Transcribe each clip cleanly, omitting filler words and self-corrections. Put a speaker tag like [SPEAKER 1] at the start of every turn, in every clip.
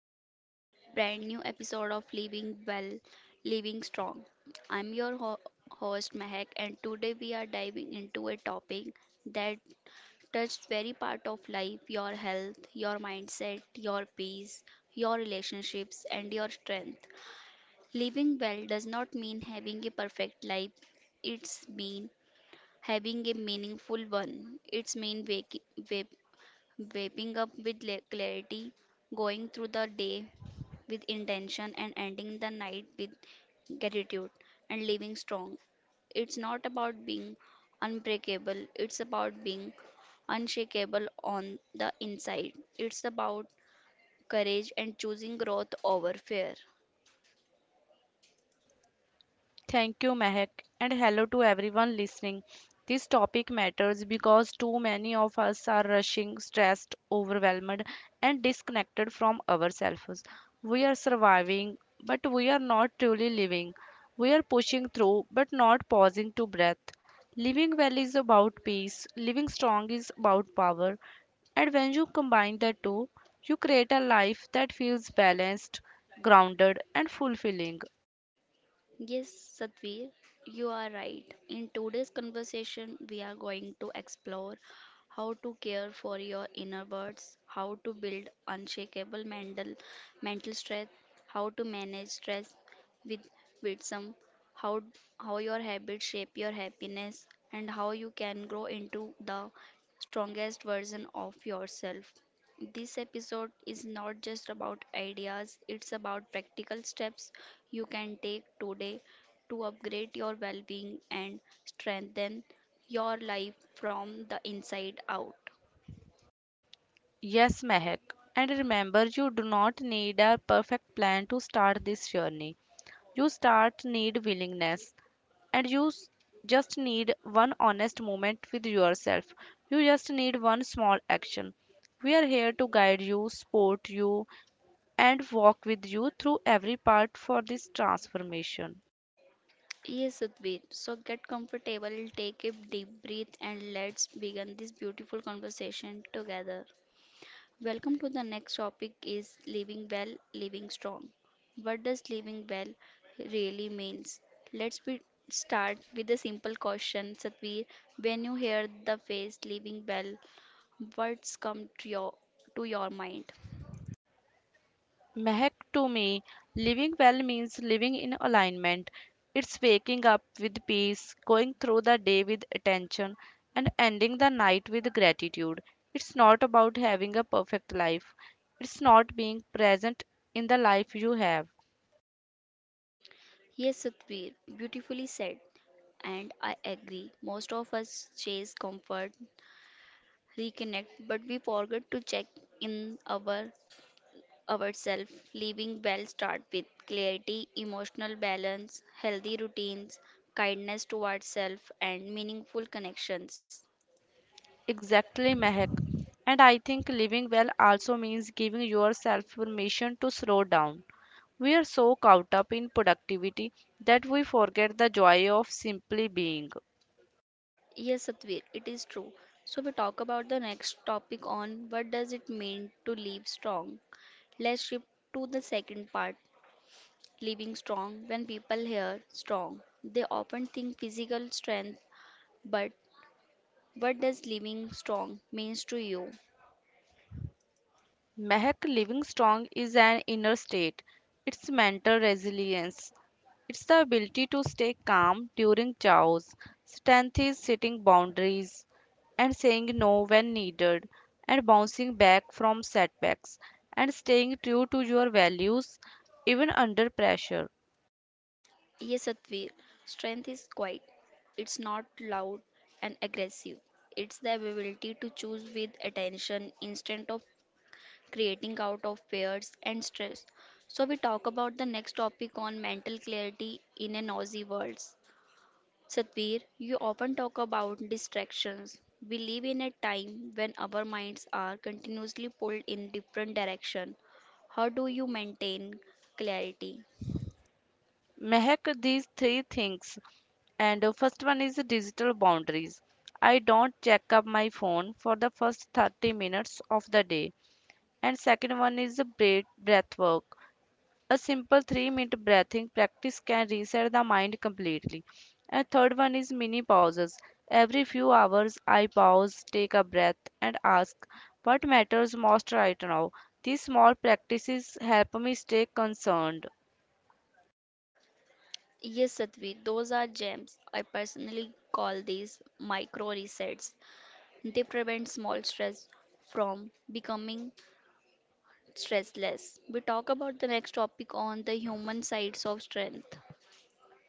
[SPEAKER 1] to the brand new episode of Living Well, Living Strong. I'm your host, Mehak, and today we are diving into a topic that touches very part of life your health, your mindset, your peace, your relationships, and your strength. Living well does not mean having a perfect life, it's mean having a meaningful one. It's mean waking up with clarity, going through the day with intention, and ending the night with gratitude and living strong. It's not about being unbreakable, it's about being unshakable on the inside. It's about courage and choosing growth over fear.
[SPEAKER 2] Thank you, Mehak, and hello to everyone listening. This topic matters because too many of us are rushing, stressed, overwhelmed, and disconnected from ourselves. We are surviving, but we are not truly living. We are pushing through, but not pausing to breathe. Living well is about peace, living strong is about power, and when you combine the two, you create a life that feels balanced, grounded, and fulfilling.
[SPEAKER 1] Yes, Satvir, you are right. In today's conversation, we are going to explore how to care for your inner birds, how to build unshakable mental strength, how to manage stress with wisdom, how how your habits shape your happiness, and how you can grow into the strongest version of yourself. This episode is not just about ideas, it's about practical steps you can take today to upgrade your well being and strengthen your life from the inside out.
[SPEAKER 2] Yes, Mehak. And remember, you do not need a perfect plan to start this journey. You start need willingness and just need one honest moment with yourself. You just need one small action. We are here to guide you, support you, and walk with you through every part for this transformation.
[SPEAKER 1] Yes, Sudbir. So get comfortable, take a deep breath, and let's begin this beautiful conversation together. Welcome to the next topic is living well, living strong. What does living well really means? Let's be start with a simple question, Satvir. When you hear the phrase living well, what's come to your mind?
[SPEAKER 2] Mahak, to me, living well means living in alignment. It's waking up with peace, going through the day with attention, and ending the night with gratitude. It's not about having a perfect life, it's not being present in the life you have.
[SPEAKER 1] Yes, Satvir, beautifully said, and I agree. Most of us chase comfort, reconnect, but we forget to check in ourselves. Living well start with clarity, emotional balance, healthy routines, kindness towards self and meaningful connections.
[SPEAKER 2] Exactly, Mahak. And I think living well also means giving yourself permission to slow down. We are so caught up in productivity that we forget the joy of simply being.
[SPEAKER 1] Yes, Satvir, it is true. So we talk about the next topic on what does it mean to live strong. Let's shift to the second part, living strong. When people hear strong, they often think physical strength, but what does living strong means to you?
[SPEAKER 2] Mehak, living strong is an inner state. It's mental resilience. It's the ability to stay calm during chaos. Strength is setting boundaries and saying no when needed and bouncing back from setbacks and staying true to your values even under pressure.
[SPEAKER 1] Yes, Satvir, strength is quiet. It's not loud and aggressive. It's the ability to choose with attention instead of creating out of fears and stress. So we talk about the next topic on mental clarity in a noisy world. Satvir, you often talk about distractions. We live in a time when our minds are continuously pulled in different direction. How do you maintain clarity?
[SPEAKER 2] Mehak, these three things, and first one is digital boundaries. I don't check up my phone for the first 30 minutes of the day, and second one is the breath work. A simple 3-minute breathing practice can reset the mind completely, and third one is mini pauses. Every few hours I pause, take a breath, and ask what matters most right now. These small practices help me stay concerned.
[SPEAKER 1] Yes, Satvi, those are gems. I personally call these micro resets. They prevent small stress from becoming stressless. We talk about the next topic on the human sides of strength.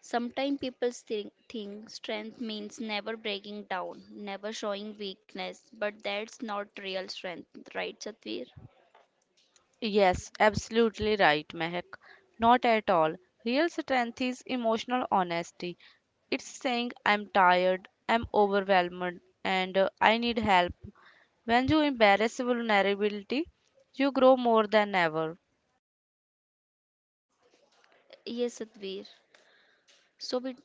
[SPEAKER 1] Sometimes people think strength means never breaking down, never showing weakness, but that's not real strength, right, Satvir?
[SPEAKER 2] Yes, absolutely right, Mehak. Not at all. Real strength is emotional honesty. It's saying I'm tired, I'm overwhelmed, and I need help. When you embrace vulnerability, you grow more than ever.
[SPEAKER 1] Yes, Satvir. So we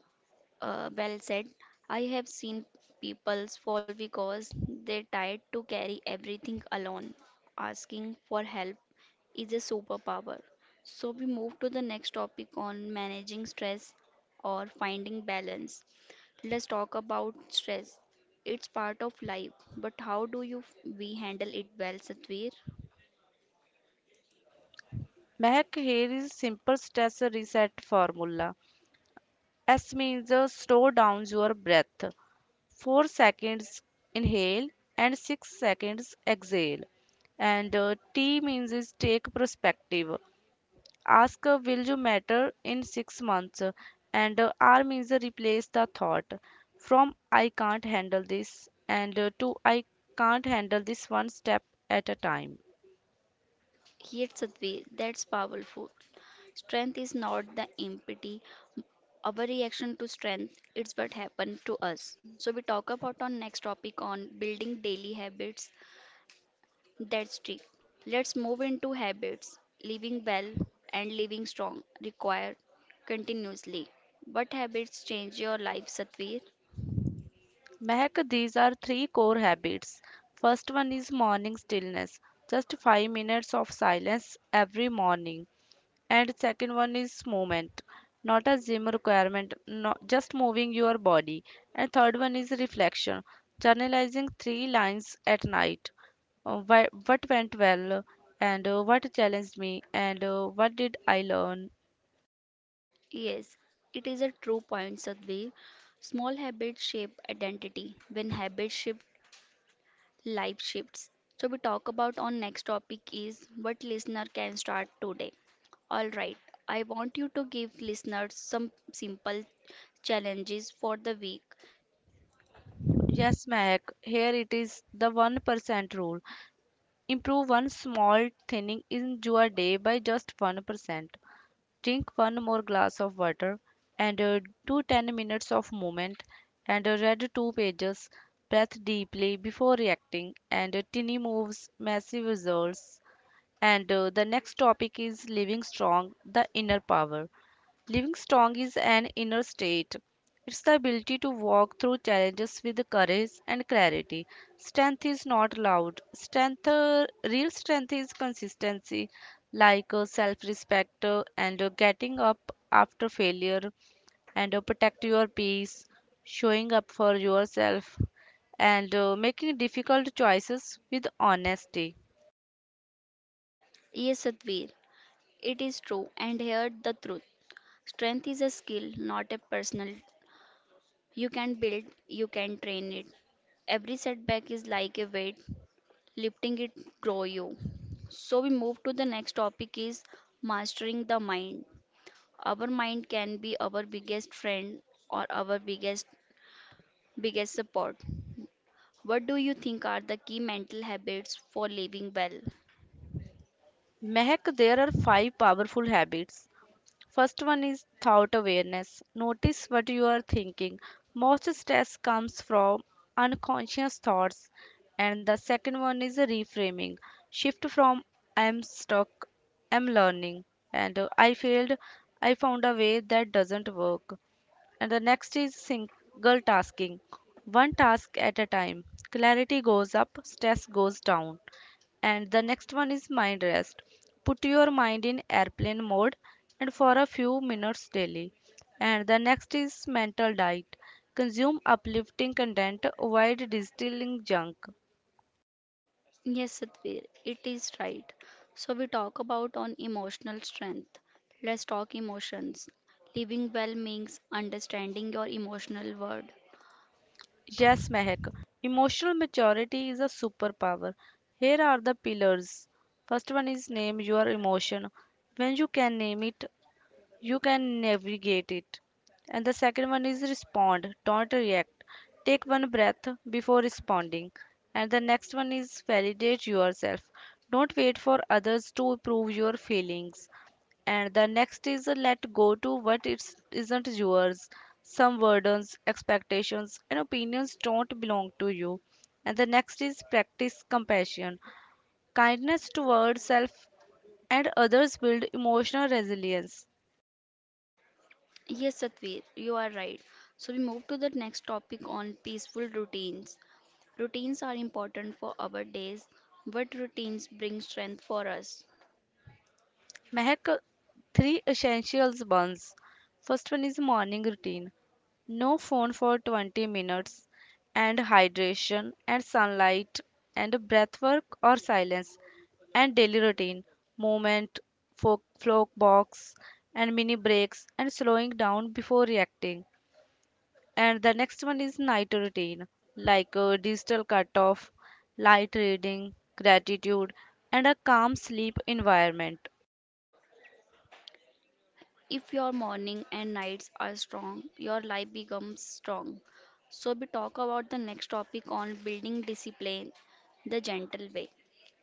[SPEAKER 1] Well said. I have seen people fall because they tired to carry everything alone. Asking for help is a superpower. So we move to the next topic on managing stress or finding balance. Let's talk about stress. It's part of life, but how do you we handle it well, Satvir?
[SPEAKER 2] Mehak, here is simple stress reset formula. S means slow down your breath. 4 seconds inhale and 6 seconds exhale. And T means is take perspective. Ask, will you matter in 6 months? And R means replace the thought from I can't handle this, and to I can't handle this one step at a time.
[SPEAKER 1] Here, Satvir, that's powerful. Strength is not the empty Overreaction to strength, it's what happened to us. So we talk about on next topic on building daily habits that stick. Let's move into habits. Living well and living strong require continuously. What habits change your life, Satvir?
[SPEAKER 2] Mehak, these are three core habits. First one is morning stillness, just 5 minutes of silence every morning. And second one is movement, not a gym requirement, not just moving your body. And third one is reflection, journalizing three lines at night. What went well, and what challenged me, and what did I learn?
[SPEAKER 1] Yes, it is a true point, Sadhvi. Small habits shape identity. When habits shift, life shifts. So we talk about our next topic is what listener can start today. All right, I want you to give listeners some simple challenges for the week.
[SPEAKER 2] Yes, Mehak, here it is, the 1% rule. Improve one small thing in your day by just 1%. Drink one more glass of water, and do 10 minutes of movement, and read two pages. Breathe deeply before reacting, and tiny moves, massive results. And the next topic is living strong, the inner power. Living strong is an inner state. It's the ability to walk through challenges with courage and clarity. Strength is not loud. Real strength is consistency, like self-respect, and getting up after failure, and protect your peace, showing up for yourself, and making difficult choices with honesty.
[SPEAKER 1] Yes, Sadhvir, it is true, and here the truth. Strength is a skill, not a personal. You can build, you can train it. Every setback is like a weight, lifting it grow you. So we move to the next topic is mastering the mind. Our mind can be our biggest friend or our biggest support. What do you think are the key mental habits for living well?
[SPEAKER 2] Mehak, there are five powerful habits. First one is thought awareness. Notice what you are thinking. Most stress comes from unconscious thoughts. And the second one is a reframing. Shift from I'm stuck, I'm learning, and I failed, I found a way that doesn't work. And the next is single tasking. One task at a time. Clarity goes up, stress goes down. And the next one is mind rest. Put your mind in airplane mode, and for a few minutes daily. And the next is mental diet. Consume uplifting content, avoid distilling junk.
[SPEAKER 1] Yes, Satvir, it is right. So we talk about on emotional strength. Let's talk emotions. Living well means understanding your emotional world.
[SPEAKER 2] Yes, Mehak, emotional maturity is a superpower. Here are the pillars. First one is name your emotion. When you can name it, you can navigate it. And the second one is respond, don't react. Take one breath before responding. And the next one is validate yourself. Don't wait for others to prove your feelings. And the next is let go to what isn't yours. Some burdens, expectations, and opinions don't belong to you. And the next is practice compassion. Kindness towards self and others build emotional resilience.
[SPEAKER 1] Yes, Satvir, you are right. So we move to the next topic on peaceful routines. Routines are important for our days. What routines bring strength for us?
[SPEAKER 2] Mehak, three essentials ones. First one is morning routine. No phone for 20 minutes, and hydration and sunlight, and breath work or silence. And daily routine. Movement, folk, flock box, and mini breaks, and slowing down before reacting. And the next one is night routine, like a digital cutoff, light reading, gratitude, and a calm sleep environment.
[SPEAKER 1] If your morning and nights are strong, your life becomes strong. So, we talk about the next topic on building discipline the gentle way.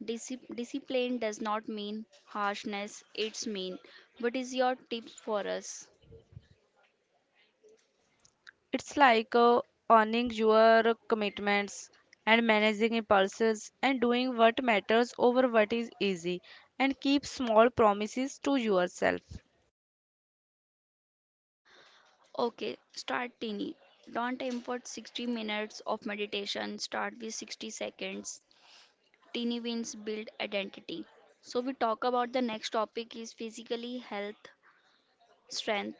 [SPEAKER 1] Discipline does not mean harshness, it's mean. What is your tips for us?
[SPEAKER 2] It's like owning your commitments and managing impulses and doing what matters over what is easy and keep small promises to yourself.
[SPEAKER 1] Okay, start tiny. Don't aim for 60 minutes of meditation, start with 60 seconds. Teeny wins build identity. So we talk about the next topic is physically health, strength.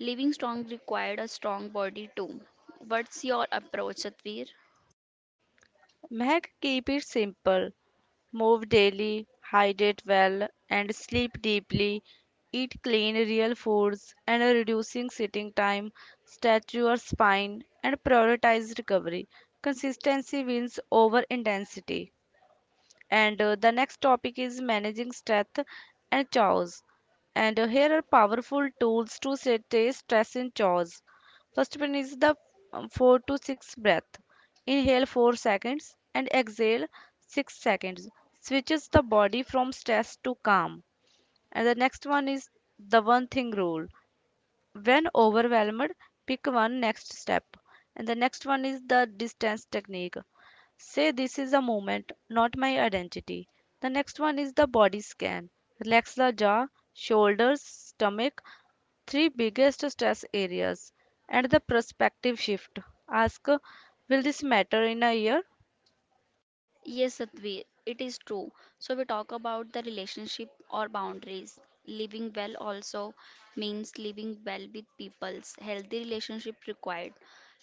[SPEAKER 1] Living strong required a strong body too. What's your approach, Satvir?
[SPEAKER 2] Meg, keep it simple. Move daily, hydrate well, and sleep deeply. Eat clean, real foods, and reducing sitting time. Stretch your spine and prioritize recovery. Consistency wins over intensity. And the next topic is managing stress and chores. And here are powerful tools to stay stress and chores. First one is the 4 to 6 breath. Inhale 4 seconds and exhale 6 seconds. Switches the body from stress to calm. And the next one is the one thing rule. When overwhelmed, pick one next step. And the next one is the distance technique. Say this is a moment, not my identity. The next one is the body scan. Relax the jaw, shoulders, stomach, three biggest stress areas. And the perspective shift. Ask, will this matter in a year?
[SPEAKER 1] Yes, Satvir. It is true. So we talk about the relationship or boundaries. Living well also means living well with people's healthy relationship required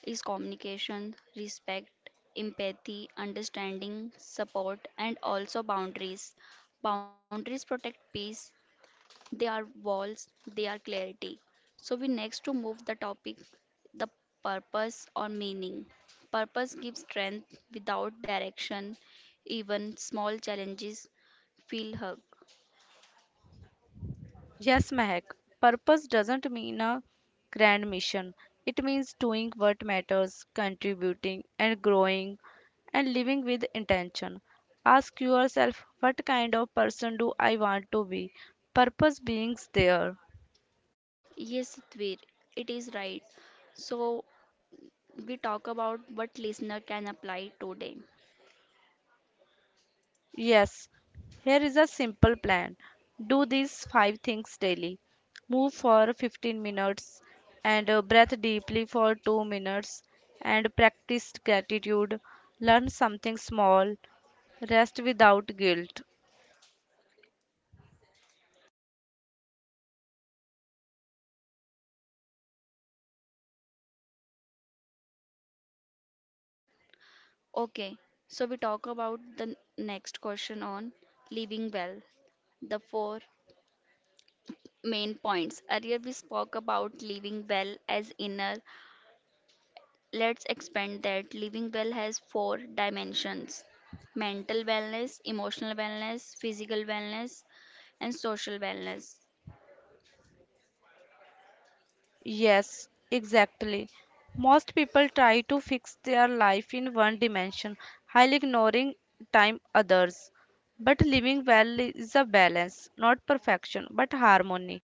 [SPEAKER 1] is communication, respect, empathy, understanding, support, and also boundaries. Boundaries protect peace, they are walls, they are clarity. So we next to move the topic the purpose or meaning. Purpose gives strength without direction, even small challenges feel hug.
[SPEAKER 2] Yes, Mehak, purpose doesn't mean a grand mission. It means doing what matters, contributing and growing and living with intention. Ask yourself, what kind of person do I want to be? Purpose beings there.
[SPEAKER 1] Yes, Dvir, it is right. So we talk about what listener can apply today.
[SPEAKER 2] Yes, here is a simple plan. Do these five things daily. Move for 15 minutes, and breathe deeply for 2 minutes, and practice gratitude. Learn something small. Rest without guilt.
[SPEAKER 1] Okay, so we talk about the next question on living well. The four main points. Earlier, we spoke about living well as inner. Let's expand that. Living well has four dimensions mental wellness, emotional wellness, physical wellness, and social wellness.
[SPEAKER 2] Yes, exactly. Most people try to fix their life in one dimension, while ignoring time others. But living well is a balance, not perfection, but harmony.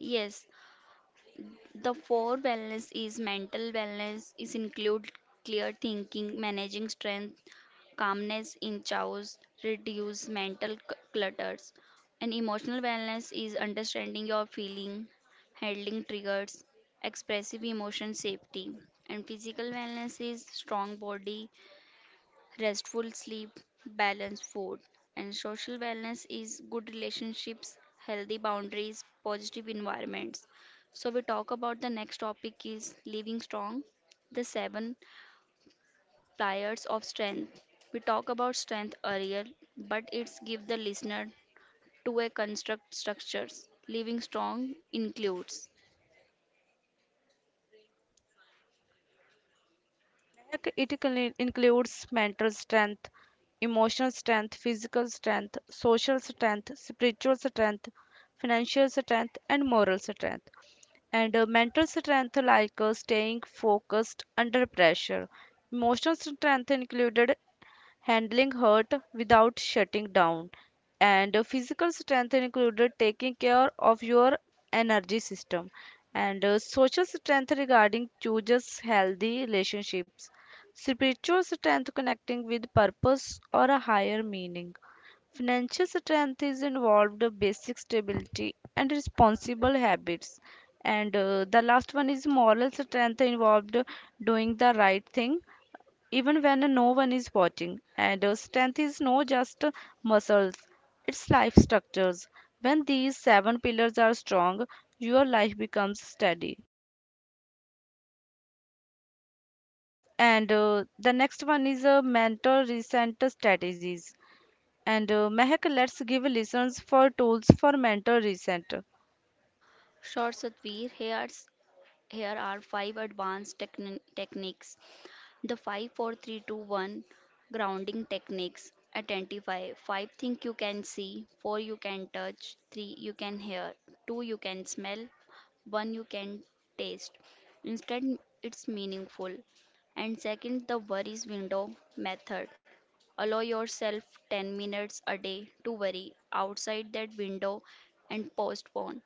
[SPEAKER 1] Yes, the four wellness is mental wellness is include clear thinking, managing strength, calmness in chaos, reduce mental clutters. And emotional wellness is understanding your feeling, handling triggers, expressive emotion safety. And physical wellness is strong body, restful sleep, balanced food, and social wellness is good relationships, healthy boundaries, positive environments. So we talk about the next topic is living strong, the seven pliers of strength. We talk about strength earlier, but it's give the listener to a construct structures. Living strong includes
[SPEAKER 2] Mehak, it includes mental strength, emotional strength, physical strength, social strength, spiritual strength, financial strength, and moral strength. And mental strength, like staying focused under pressure. Emotional strength included handling hurt without shutting down, and physical strength included taking care of your energy system, and social strength regarding chooses healthy relationships, spiritual strength connecting with purpose or a higher meaning, financial strength is involved, basic stability, and responsible habits. And the last one is moral strength involved, doing the right thing even when no one is watching. And strength is not just muscles, it's life structures. When these seven pillars are strong, your life becomes steady. And the next one is mental recent strategies. And Mehak, let's give listeners for tools for mental recent.
[SPEAKER 1] short Satvir, here are five advanced techniques The five, four, three, two, one grounding techniques identify 5 things you can see, 4 you can touch, 3 you can hear, 2 you can smell, 1 you can taste. Instead, it's meaningful. And second, the worries window method. Allow yourself 10 minutes a day to worry outside that window and postpone.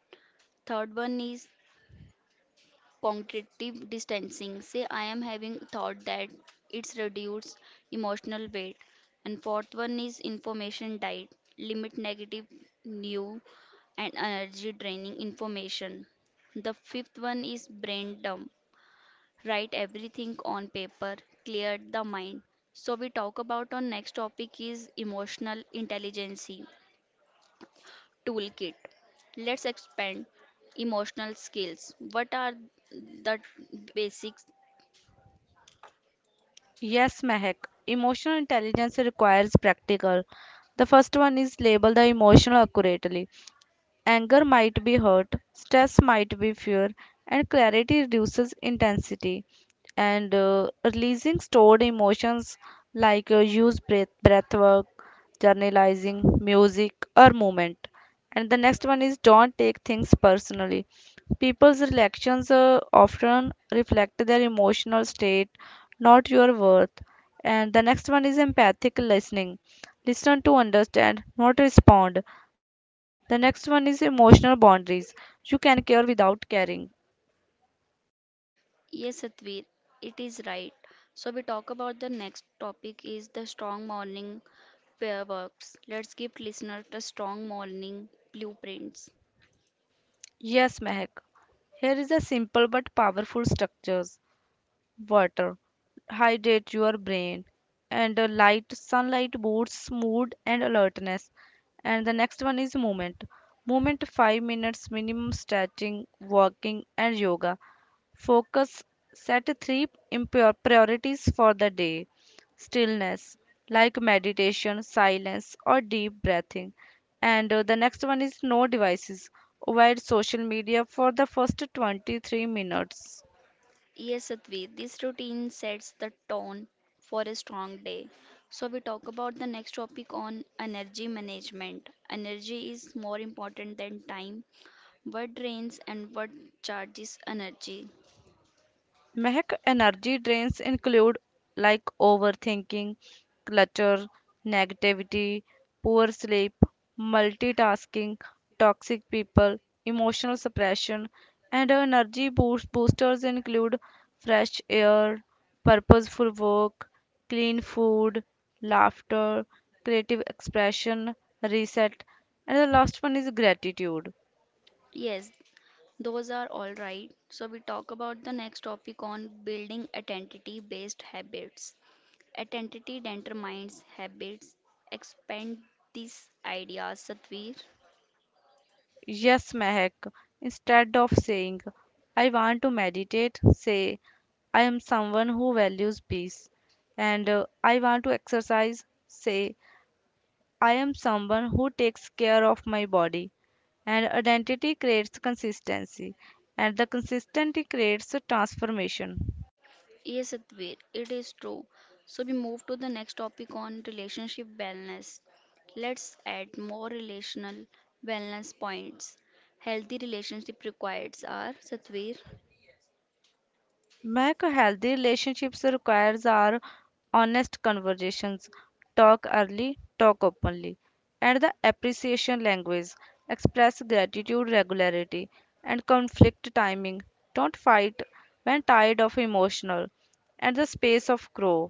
[SPEAKER 1] Third one is cognitive distancing. Say, I am having thought that it's reduced emotional weight. And fourth one is information diet. Limit negative new and energy draining information. The fifth one is brain dump. Write everything on paper, clear the mind. So we talk about our next topic is emotional intelligence toolkit. Let's expand emotional skills. What are the basics
[SPEAKER 2] Yes, Mehak. Emotional intelligence requires practical. The first one is label the emotional accurately. Anger might be hurt, stress might be fear, and clarity reduces intensity. And releasing stored emotions, like use breath work, journalizing, music, or movement. And the next one is don't take things personally. People's reactions often reflect their emotional state, not your worth. And the next one is empathic listening. Listen to understand, not respond. The next one is emotional boundaries. You can care without caring.
[SPEAKER 1] Yes, Satveer, it is right. So we talk about the next topic is the strong morning prayer works. Let's give listener the strong morning blueprints.
[SPEAKER 2] Yes, Mehak. Here is a simple but powerful structures. Water. Hydrate your brain. And light sunlight boosts mood and alertness. And the next one is movement. Movement 5 minutes minimum, stretching, walking and yoga. Focus, set three impure priorities for the day. Stillness, like meditation, silence, or deep breathing. And the next one is no devices. Avoid social media for the first 23 minutes.
[SPEAKER 1] Yes, Satveer, this routine sets the tone for a strong day. So we talk about the next topic on energy management. Energy is more important than time. What drains and what charges energy?
[SPEAKER 2] Mehak, energy drains include like overthinking, clutter, negativity, poor sleep, multitasking, toxic people, emotional suppression. And energy boosters include fresh air, purposeful work, clean food, laughter, creative expression, reset, and the last one is gratitude.
[SPEAKER 1] Yes, those are all right. So, we talk about the next topic on building identity based habits. Identity determines habits. Expand this idea, Satvir.
[SPEAKER 2] Yes, Mehak. Instead of saying I want to meditate, say I am someone who values peace. And I want to exercise, say I am someone who takes care of my body. And identity creates consistency, and the consistency creates a transformation.
[SPEAKER 1] Yes, Satvir, it is true. So, we move to the next topic on relationship wellness. Let's add more relational wellness points. Healthy relationship requirements are Satvir.
[SPEAKER 2] Mac, healthy relationships requires are honest conversations. Talk early, talk openly. And the appreciation language. Express gratitude regularity. And conflict timing. Don't fight when tired of emotional. And the space of grow.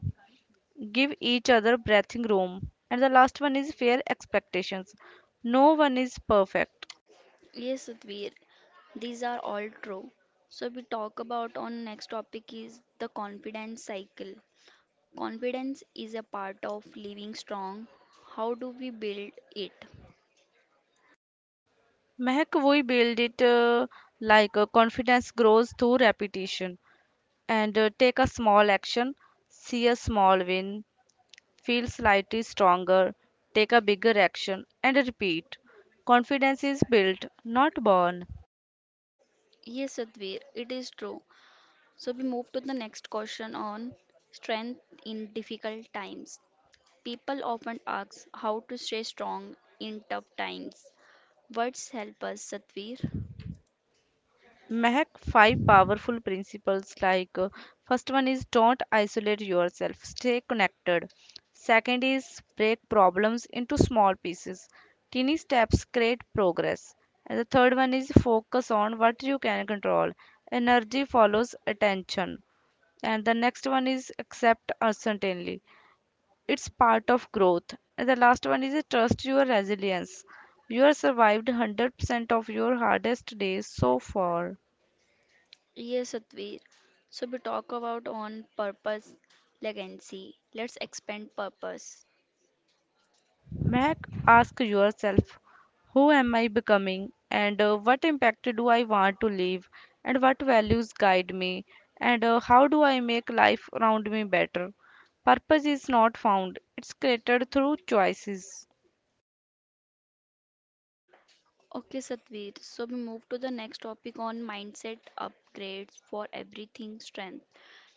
[SPEAKER 2] Give each other breathing room. And the last one is fair expectations. No one is perfect.
[SPEAKER 1] Yes, Satvir, these are all true. So we talk about on next topic is the confidence cycle. Confidence is a part of living strong. How do we build it?
[SPEAKER 2] Mac, we build it like confidence grows through repetition. And Take a small action, see a small win, feel slightly stronger, take a bigger action, and repeat. Confidence is built, not born.
[SPEAKER 1] Yes, Satvir, it is true. So we move to the next question on strength in difficult times. People often ask how to stay strong in tough times. Words help us, Satvir.
[SPEAKER 2] Mahak, five powerful principles, first one is don't isolate yourself, stay connected. Second is break problems into small pieces. Teeny steps create progress. And the third one is focus on what you can control. Energy follows attention. And the next one is accept uncertainty, it's part of growth. And the last one is trust your resilience. You have survived 100% of your hardest days so far.
[SPEAKER 1] Yes, Satvir. So we talk about on purpose legacy. Let's expand purpose.
[SPEAKER 2] Mac, ask yourself, who am I becoming, and what impact do I want to leave, and what values guide me, and how do I make life around me better. Purpose is not found, it's created through choices.
[SPEAKER 1] Okay, Satveer. So we move to the next topic on mindset upgrades for everything strength.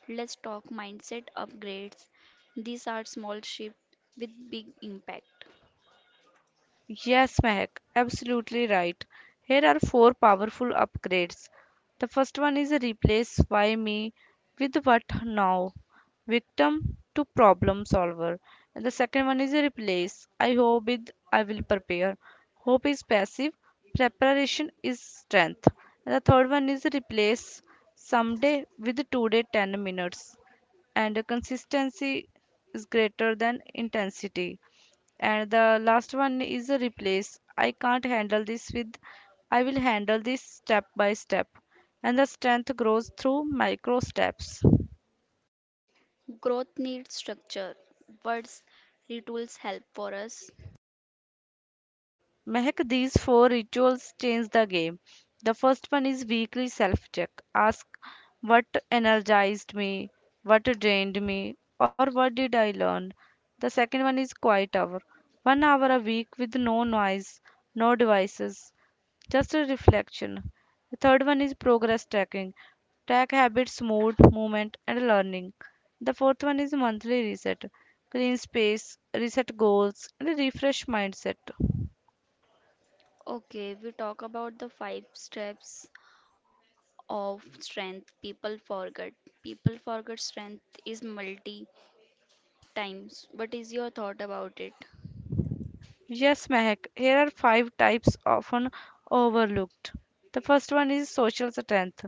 [SPEAKER 1] Let's talk mindset upgrades. These are small shifts with big impact.
[SPEAKER 2] Yes, Mehak, absolutely right. Here are four powerful upgrades. The first one is replace why me with what now, victim to problem solver. And the second one is replace I hope with I will prepare. Hope is passive, preparation is strength. And the third one is replace someday with today, 10 minutes. And consistency is greater than intensity. And the last one is a replace. I can't handle this with I will handle this step by step. And the strength grows through micro steps.
[SPEAKER 1] Growth needs structure. Words rituals help for us.
[SPEAKER 2] Mehak, these four rituals change the game. The first one is weekly self check. Ask what energized me, what drained me, or what did I learn. The second one is quiet hour. 1 hour a week with no noise, no devices, just a reflection. The third one is progress tracking. Track habits, mood, movement, and learning. The fourth one is monthly reset. Clean space, reset goals, and refresh mindset.
[SPEAKER 1] Okay, we talk about the five steps of strength people forget. People forget strength is multi times. What is your thought about it?
[SPEAKER 2] Yes, Mehak, here are five types often overlooked. The first one is social strength.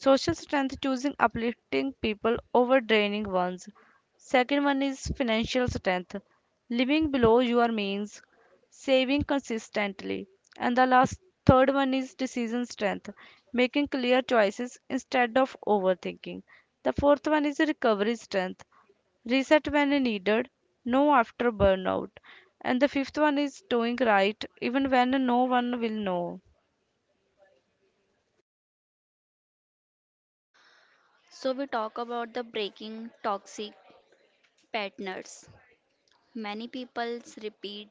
[SPEAKER 2] Social strength, choosing uplifting people over draining ones. Second one is financial strength. Living below your means, saving consistently. And the last third one is decision strength, making clear choices instead of overthinking. The fourth one is recovery strength, reset when needed, no after burnout. And the fifth one is doing right even when no one will know.
[SPEAKER 1] So we talk about the breaking toxic patterns. Many people repeat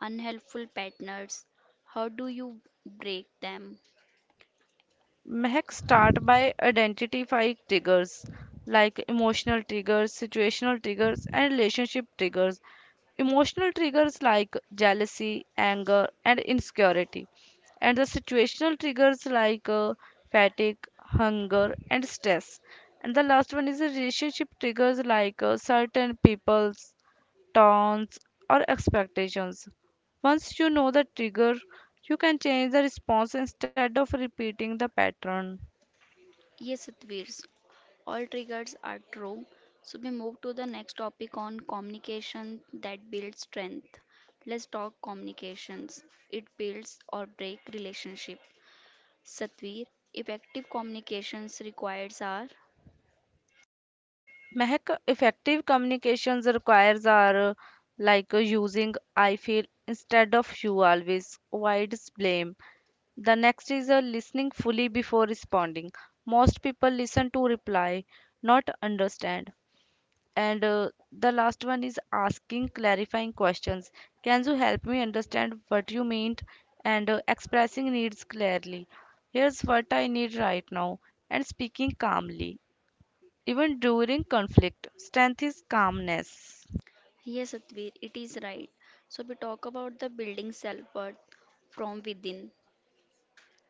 [SPEAKER 1] unhelpful patterns. How do you break them?
[SPEAKER 2] Mehak, start by identifying triggers like emotional triggers, situational triggers, and relationship triggers. Emotional triggers like jealousy, anger, and insecurity. And the situational triggers like fatigue, hunger, and stress. And the last one is the relationship triggers like certain people's tones or expectations. Once you know the trigger, you can change the response instead of repeating the pattern.
[SPEAKER 1] Yes, Satvirs, all triggers are true. So we move to the next topic on communication that builds strength. Let's talk communications. It builds or break relationship. Satvir, effective communications requires are
[SPEAKER 2] Mehak, effective communications requires are using I feel instead of you always avoids blame. The next is listening fully before responding. Most people listen to reply, not understand. And the last one is asking clarifying questions. Can you help me understand what you meant? And expressing needs clearly. Here's what I need right now. And speaking calmly. Even during conflict, strength is calmness.
[SPEAKER 1] Yes, Satvir, it is right. So we talk about the building self-worth from within.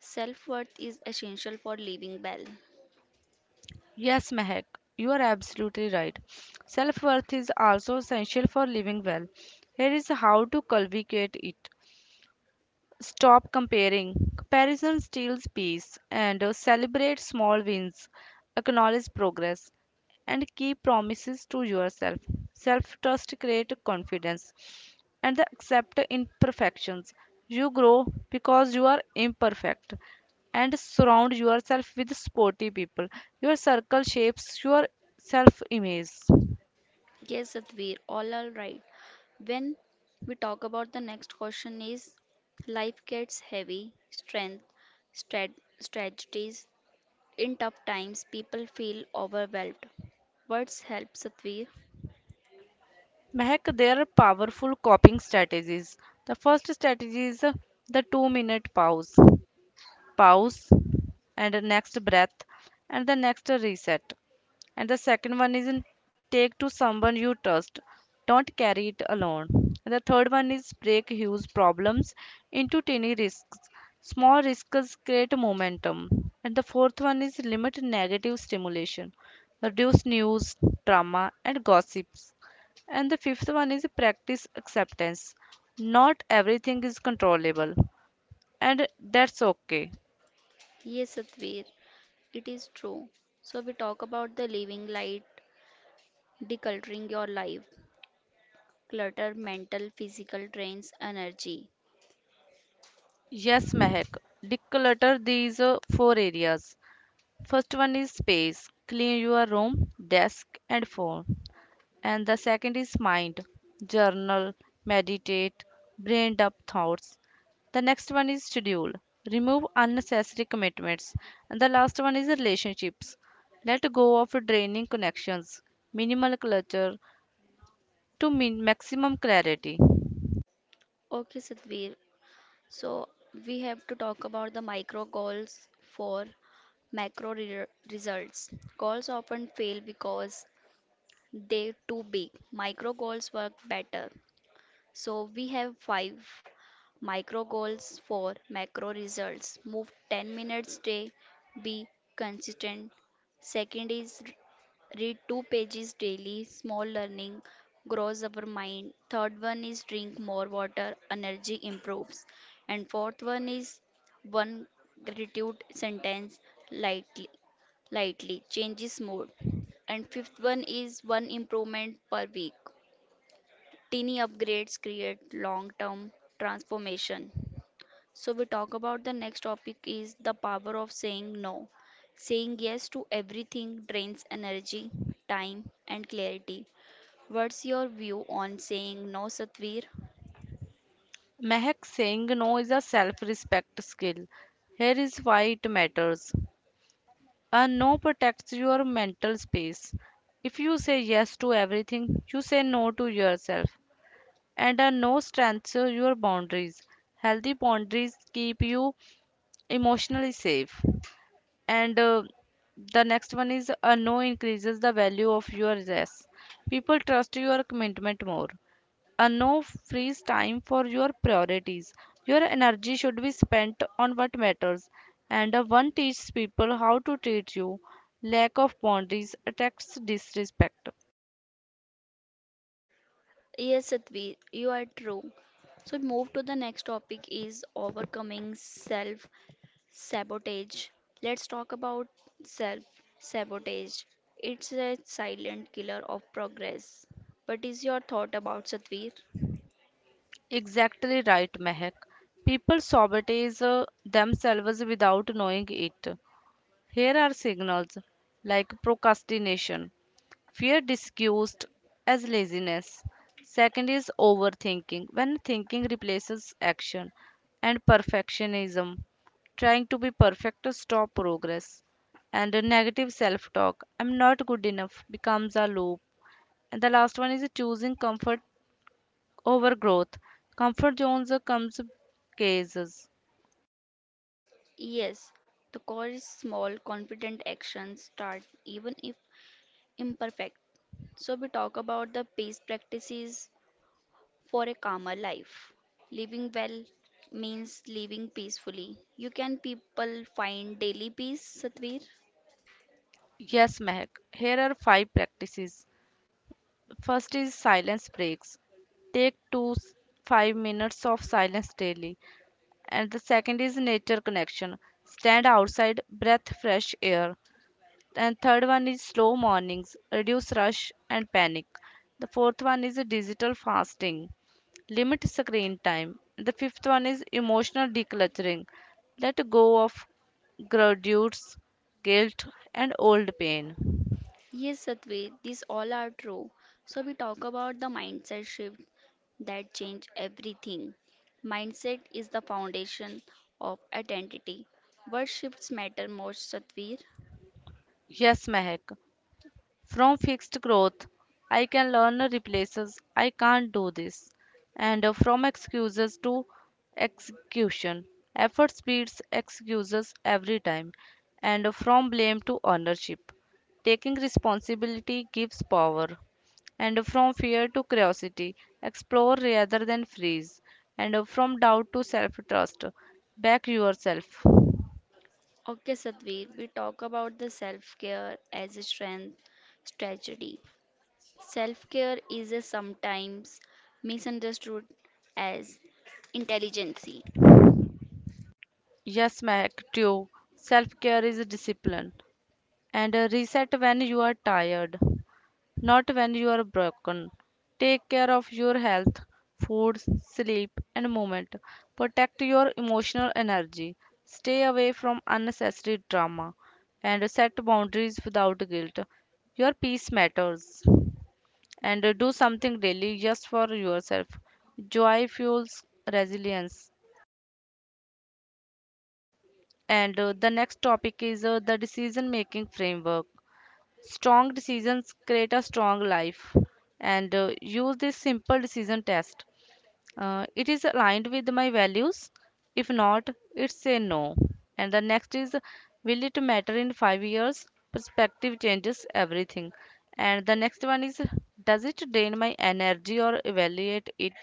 [SPEAKER 1] Self worth is essential for living well.
[SPEAKER 2] Yes, Mehak, you are absolutely right. Self worth is also essential for living well. Here is how to cultivate it. Stop comparing. Comparison steals peace, and celebrate small wins, acknowledge progress, and keep promises to yourself. Self trust creates confidence, and the accept imperfections. You grow because you are imperfect, and surround yourself with sporty people. Your circle shapes your self image.
[SPEAKER 1] Yes, Satvir, all are right. When we talk about the next question is life gets heavy, strength, strategies. In tough times, people feel overwhelmed. Words help Satvir.
[SPEAKER 2] Mehak, there are powerful coping strategies. The first strategy is the 2 minute pause. Pause and the next breath, and the next reset. And the second one is in take to someone you trust, don't carry it alone. And the third one is break huge problems into tiny risks. Small risks create momentum. And the fourth one is limit negative stimulation, reduce news, drama, and gossips. And the fifth one is practice acceptance. Not everything is controllable, and that's okay.
[SPEAKER 1] Yes, Satvir, it is true. So we talk about the living light, decluttering your life. Clutter, mental, physical drains energy.
[SPEAKER 2] Yes, Mehak. Declutter these four areas. First one is space. Clean your room, desk, and phone. And the second is mind. Journal, meditate, brain dump thoughts. The next one is schedule. Remove unnecessary commitments. And the last one is relationships. Let go of draining connections. Minimal clutter to maximum clarity.
[SPEAKER 1] Okay, Satvir, so we have to talk about the micro goals for macro results. Goals often fail because they're too big. Micro goals work better. So we have five micro goals for macro results. Move 10 minutes day. Be consistent. Second is read two pages daily, small learning grows our mind. Third one is drink more water, energy improves. And fourth one is one gratitude sentence lightly lightly changes mood. And fifth one is one improvement per week. Teeny upgrades create long term transformation. So we talk about the next topic is the power of saying no. Saying yes to everything drains energy, time and clarity. What's your view on saying no, Satvir?
[SPEAKER 2] Mehak, saying no is a self respect skill. Here is why it matters. A no protects your mental space. If you say yes to everything, you say no to yourself. And a no strengthens your boundaries. Healthy boundaries keep you emotionally safe. And the next one is a no increases the value of your yes. People trust your commitment more. A no freeze time for your priorities. Your energy should be spent on what matters, and a one teaches people how to treat you. Lack of boundaries attacks disrespect.
[SPEAKER 1] Yes, Satvir, you are true. So move to the next topic is overcoming self sabotage. Let's talk about self sabotage. It's a silent killer of progress. What is your thought about Satvir?
[SPEAKER 2] Exactly right, Mehak. People sabotage themselves without knowing it. Here are signals like procrastination. Fear disguised as laziness. Second is overthinking. When thinking replaces action, and perfectionism, trying to be perfect to stop progress, and a negative self talk. I'm not good enough becomes a loop. And the last one is choosing comfort over growth. Comfort zones or comes cases.
[SPEAKER 1] Yes, the core is small, confident actions start even if imperfect. So, we talk about the peace practices for a calmer life. Living well means living peacefully. You can people find daily peace, Satvir?
[SPEAKER 2] Yes, Mehak. Here are five practices. First is silence breaks. Take 5 minutes of silence daily. And the second is nature connection, stand outside, breathe fresh air. And third one is slow mornings, reduce rush and panic. The fourth one is digital fasting, limit screen time. The fifth one is emotional decluttering, let go of grudges, guilt, and old pain.
[SPEAKER 1] Yes, Satvir, these all are true. So, we talk about the mindset shift that change everything. Mindset is the foundation of identity. What shifts matter most, Satvir?
[SPEAKER 2] Yes, Mehak. From fixed growth, I can learn replaces I can't do this. And from excuses to execution, effort beats excuses every time. And from blame to ownership, taking responsibility gives power. And from fear to curiosity, explore rather than freeze. And from doubt to self trust, back yourself.
[SPEAKER 1] Okay, Sadhvir, we talk about the self care as a strength strategy. Self care is a sometimes misunderstood as intelligence.
[SPEAKER 2] Yes, Mac, too. Self care is a discipline, and reset when you are tired, not when you are broken. Take care of your health, food, sleep, and movement. Protect your emotional energy. Stay away from unnecessary drama and set boundaries without guilt. Your peace matters. And do something daily just for yourself. Joy fuels resilience. And the next topic is the decision making framework. Strong decisions create a strong life, and use this simple decision test. It is aligned with my values. If not, it's a no. And the next is, will it matter in 5 years? Perspective changes everything. And the next one is, does it drain my energy or evaluate it?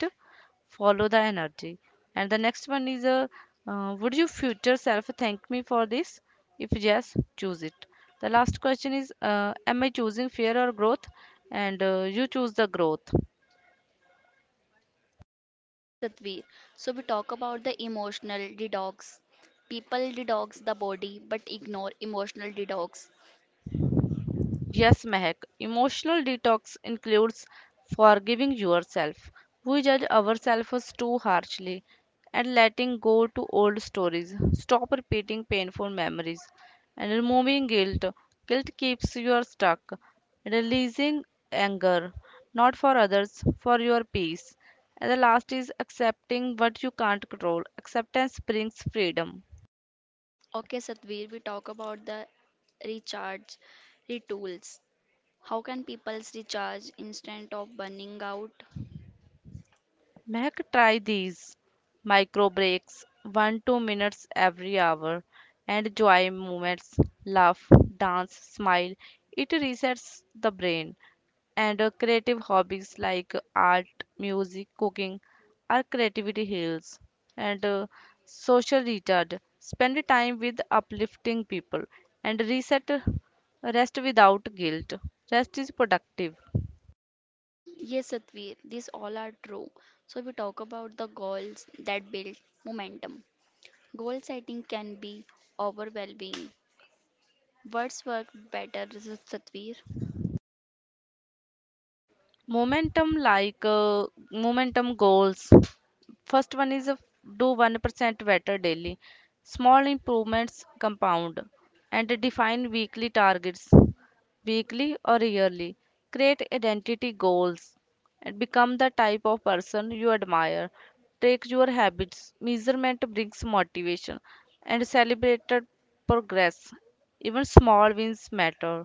[SPEAKER 2] Follow the energy. And the next one is would your future self thank me for this? If yes, choose it. The last question is am I choosing fear or growth? And you choose the growth.
[SPEAKER 1] Yes, Satvir, so we talk about the emotional detox. People detox the body but ignore emotional detox.
[SPEAKER 2] Yes, Mehak. Emotional detox includes forgiving yourself. We judge ourselves too harshly, and letting go to old stories. Stop repeating painful memories, and removing guilt. Guilt keeps you stuck. Releasing anger, not for others, for your peace. And the last is accepting what you can't control. Acceptance brings freedom.
[SPEAKER 1] Okay, Satvir, we talk about the recharge, retools. How can people recharge instead of burning out?
[SPEAKER 2] Mehak, try these micro breaks, 1 to 2 minutes every hour. And joy moments, laugh, dance, smile. It resets the brain. And creative hobbies like art, music, cooking, are creativity heals. And social recharge, spend time with uplifting people. And reset rest without guilt. Rest is productive.
[SPEAKER 1] Yes, Satvi, these all are true. So we talk about the goals that build momentum. Goal setting can be overwhelming. Words work better, Satvi.
[SPEAKER 2] Momentum, momentum goals. First one is a do 1% better daily, small improvements compound. And define weekly targets, weekly or yearly. Create identity goals, and become the type of person you admire. Track your habits, measurement brings motivation. And celebrated progress, even small wins matter.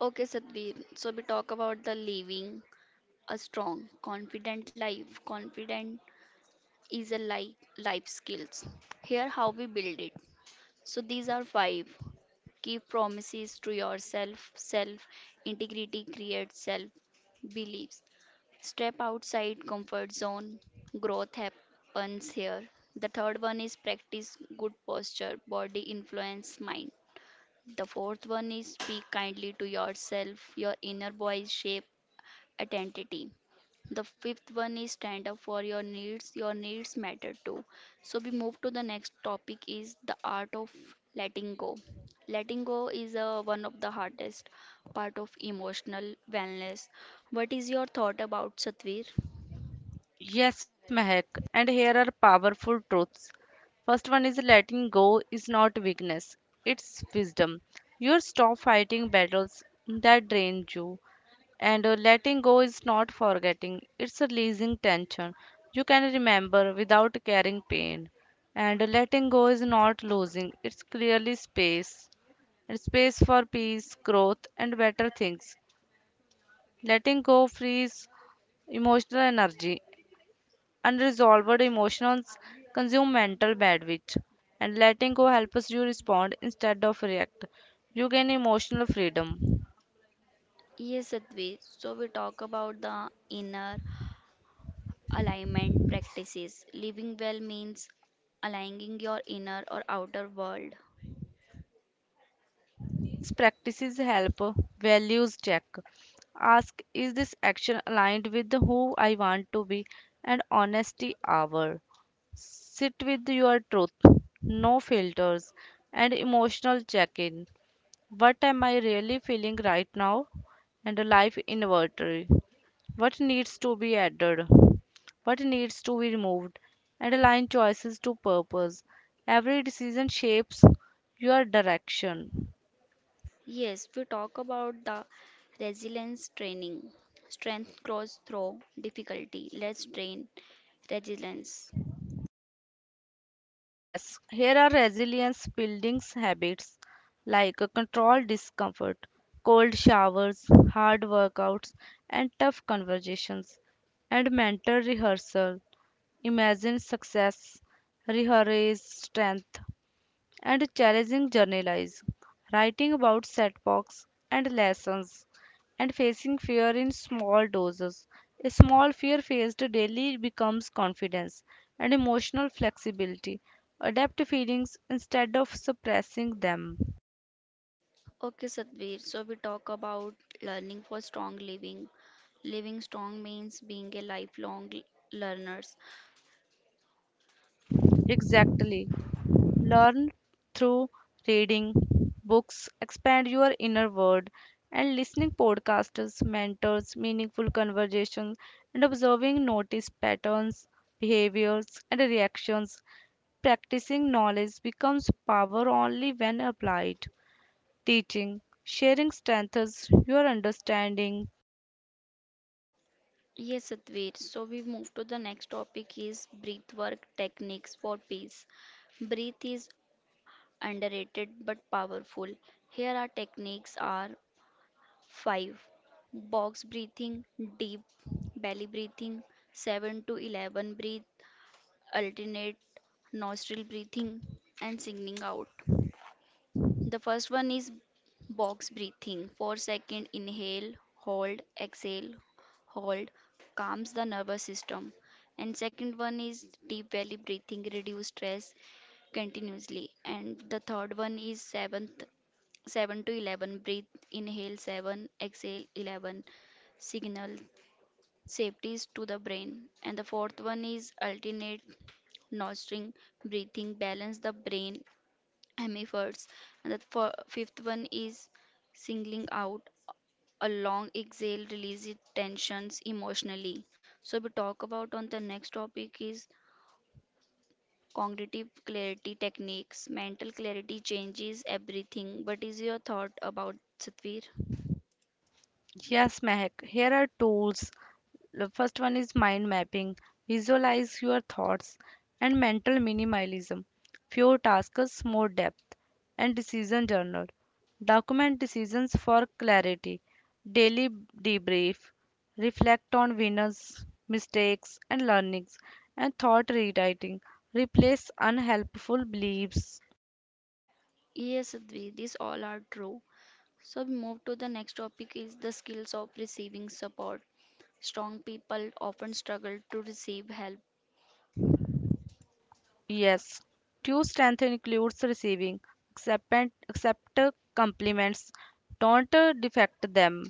[SPEAKER 1] Okay, Satvi. So we talk about the living a strong, confident life. Confident is a life life skills. Here how we build it. So these are five. Keep promises to yourself. Self integrity creates self beliefs. Step outside comfort zone. Growth happens here. The third one is practice good posture, body influence mind. The fourth one is speak kindly to yourself. Your inner voice shape identity. The fifth one is stand up for your needs. Your needs matter too. So we move to the next topic is the art of letting go. Letting go is one of the hardest part of emotional wellness. What is your thought about Satvir?
[SPEAKER 2] Yes, Mehak, and here are powerful truths. First one is letting go is not weakness, it's wisdom. You stop fighting battles that drain you, and letting go is not forgetting, it's releasing tension. You can remember without carrying pain, and letting go is not losing, it's clearly space. It's space for peace, growth, and better things. Letting go frees emotional energy. Unresolved emotions consume mental bandwidth, and letting go helps you respond instead of react. You gain emotional freedom.
[SPEAKER 1] Yes, Sadhvi. So we talk about the inner alignment practices. Living well means aligning your inner or outer world.
[SPEAKER 2] These practices help values check. Ask, is this action aligned with who I want to be? And honesty hour. Sit with your truth, no filters. And emotional check in. What am I really feeling right now? And life inventory. What needs to be added, what needs to be removed, and align choices to purpose. Every decision shapes your direction.
[SPEAKER 1] Yes, we talk about the resilience training, strength grows through difficulty. Let's train resilience.
[SPEAKER 2] Yes, here are resilience building habits like a controlled discomfort, cold showers, hard workouts, and tough conversations. And mental rehearsal. Imagine success, rehearse strength. And challenging journalism, writing about setbacks and lessons. And facing fear in small doses. A small fear faced daily becomes confidence, and emotional flexibility. Adapt feelings instead of suppressing them.
[SPEAKER 1] Okay, Satvir, so we talk about learning for strong living. Living strong means being a lifelong learners.
[SPEAKER 2] Exactly. Learn through reading books, expand your inner world. And listening, podcasts, mentors, meaningful conversations. And observing, notice patterns, behaviors, and reactions. Practicing, knowledge becomes power only when applied. Teaching, sharing strengthens your understanding.
[SPEAKER 1] Yes, Satvir, so we move to the next topic is breath work techniques for peace. Breath is underrated but powerful. Here our techniques are 5. Box breathing, deep belly breathing, 7 to 11 breathe, alternate nostril breathing, and singing out. The first one is box breathing. 4-second inhale, hold, exhale, hold calms the nervous system. And second one is deep belly breathing, reduce stress continuously. And the third one is seventh 7 to 11 breathe, inhale 7 exhale 11, signal safeties to the brain. And the fourth one is alternate nostril breathing, balance the brain I efforts. And the fifth one is singling out, a long exhale releases tensions emotionally. So we talk about on the next topic is cognitive clarity techniques. Mental clarity changes everything. What is your thought about Satvir?
[SPEAKER 2] Yes, Mehak, here are tools. The first one is mind mapping. Visualize your thoughts, and mental minimalism. Fewer tasks, more depth. And decision journal. Document decisions for clarity. Daily debrief. Reflect on winners, mistakes, and learnings. And thought rewriting. Replace unhelpful beliefs.
[SPEAKER 1] Yes, Sadhvi, these all are true. So we move to the next topic is the skills of receiving support. Strong people often struggle to receive help.
[SPEAKER 2] Yes, true strength includes receiving. Accept, accept compliments, don't defect them,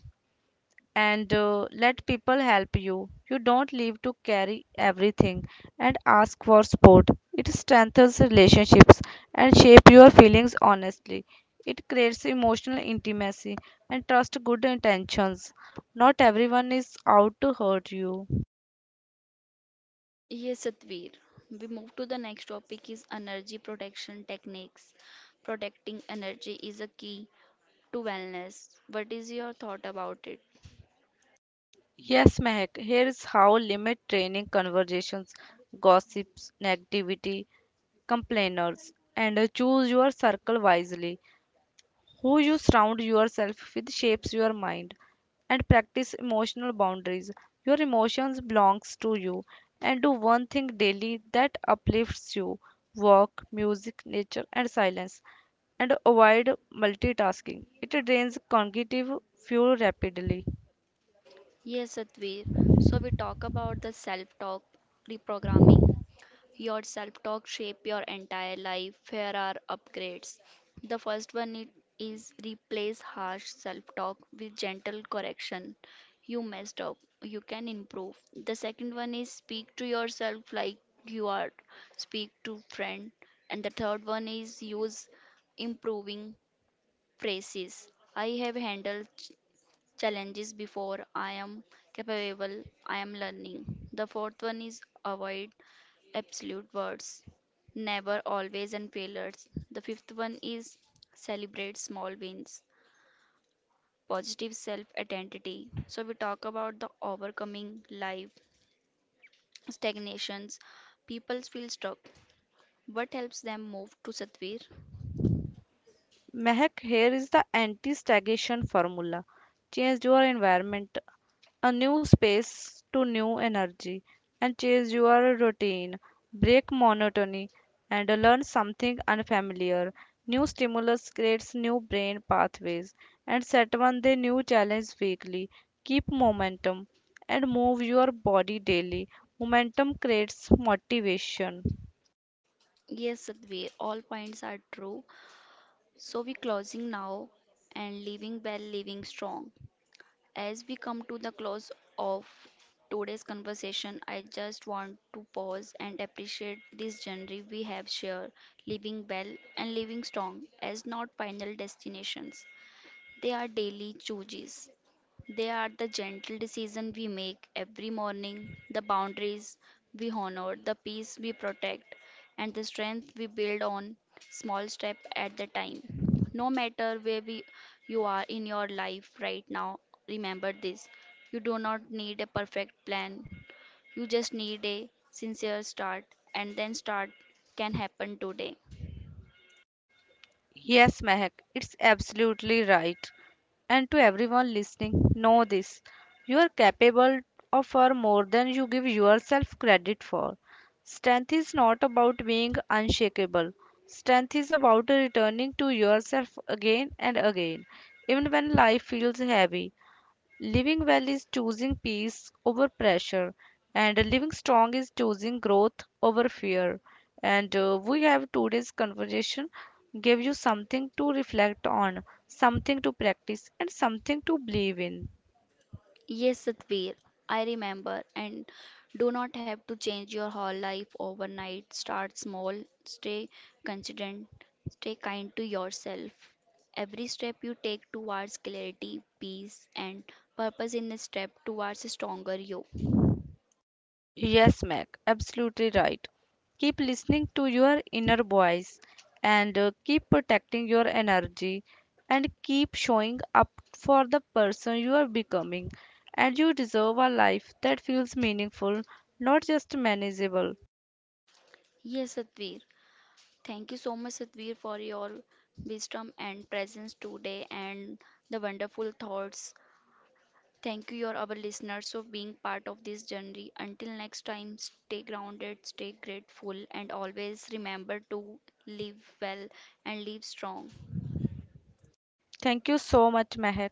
[SPEAKER 2] and let people help you. You don't leave to carry everything, and ask for support. It strengthens relationships, and shape your feelings honestly. It creates emotional intimacy, and trust good intentions. Not everyone is out to hurt you.
[SPEAKER 1] Yes, Satvir. We move to the next topic is energy protection techniques. Protecting energy is a key to wellness. What is your thought about it?
[SPEAKER 2] Yes, Mehak, here's how: limit training conversations, gossips, negativity, complainers, and choose your circle wisely. Who you surround yourself with shapes your mind, and practice emotional boundaries. Your emotions belongs to you, and do one thing daily that uplifts you: walk, music, nature, and silence. And avoid multitasking. It drains cognitive fuel rapidly.
[SPEAKER 1] Yes, Satvir. So we talk about the self-talk reprogramming. Your self talk shape your entire life. Here are upgrades. The first one it is replace harsh self talk with gentle correction. You messed up. You can improve. The second one is speak to yourself like you are. Speak to friend. And the third one is use improving phrases. I have handled challenges before. I am capable. I am learning. The fourth one is avoid absolute words, never, always, and failures. The fifth one is celebrate small wins, positive self identity. So, we talk about the overcoming life stagnations. People feel stuck. What helps them move to Satvir?
[SPEAKER 2] Mehak, here is the anti-stagnation formula. Change your environment, a new space to new energy, and change your routine. Break monotony and learn something unfamiliar. New stimulus creates new brain pathways, and set one day new challenge weekly. Keep momentum and move your body daily. Momentum creates motivation.
[SPEAKER 1] Yes, Satvir, all points are true. So, we closing now and living well, living strong. As we come to the close of today's conversation, I just want to pause and appreciate this journey we have shared. Living well and living strong as not final destinations. They are daily choices, they are the gentle decisions we make every morning, the boundaries we honor, the peace we protect, and the strength we build on small step at the time. No matter where we, you are in your life right now, remember this. You do not need a perfect plan. You just need a sincere start, and then start can happen today.
[SPEAKER 2] Yes, Mehak, it's absolutely right. And to everyone listening, know this: you are capable of far more than you give yourself credit for. Strength is not about being unshakable, strength is about returning to yourself again and again, even when life feels heavy. Living well is choosing peace over pressure, and living strong is choosing growth over fear. And we have today's conversation give you something to reflect on, something to practice, and something to believe in.
[SPEAKER 1] Yes, Satvir, I remember. And do not have to change your whole life overnight. Start small, stay consistent, stay kind to yourself. Every step you take towards clarity, peace, and purpose in a step towards a stronger you.
[SPEAKER 2] Yes, Mac, absolutely right. Keep listening to your inner voice, and keep protecting your energy, and keep showing up for the person you are becoming. And you deserve a life that feels meaningful, not just manageable.
[SPEAKER 1] Yes, Satvir. Thank you so much, Satvir, for your wisdom and presence today and the wonderful thoughts. Thank you, your our listeners, for being part of this journey. Until next time, stay grounded, stay grateful, and always remember to live well and live strong.
[SPEAKER 2] Thank you so much, Mehak.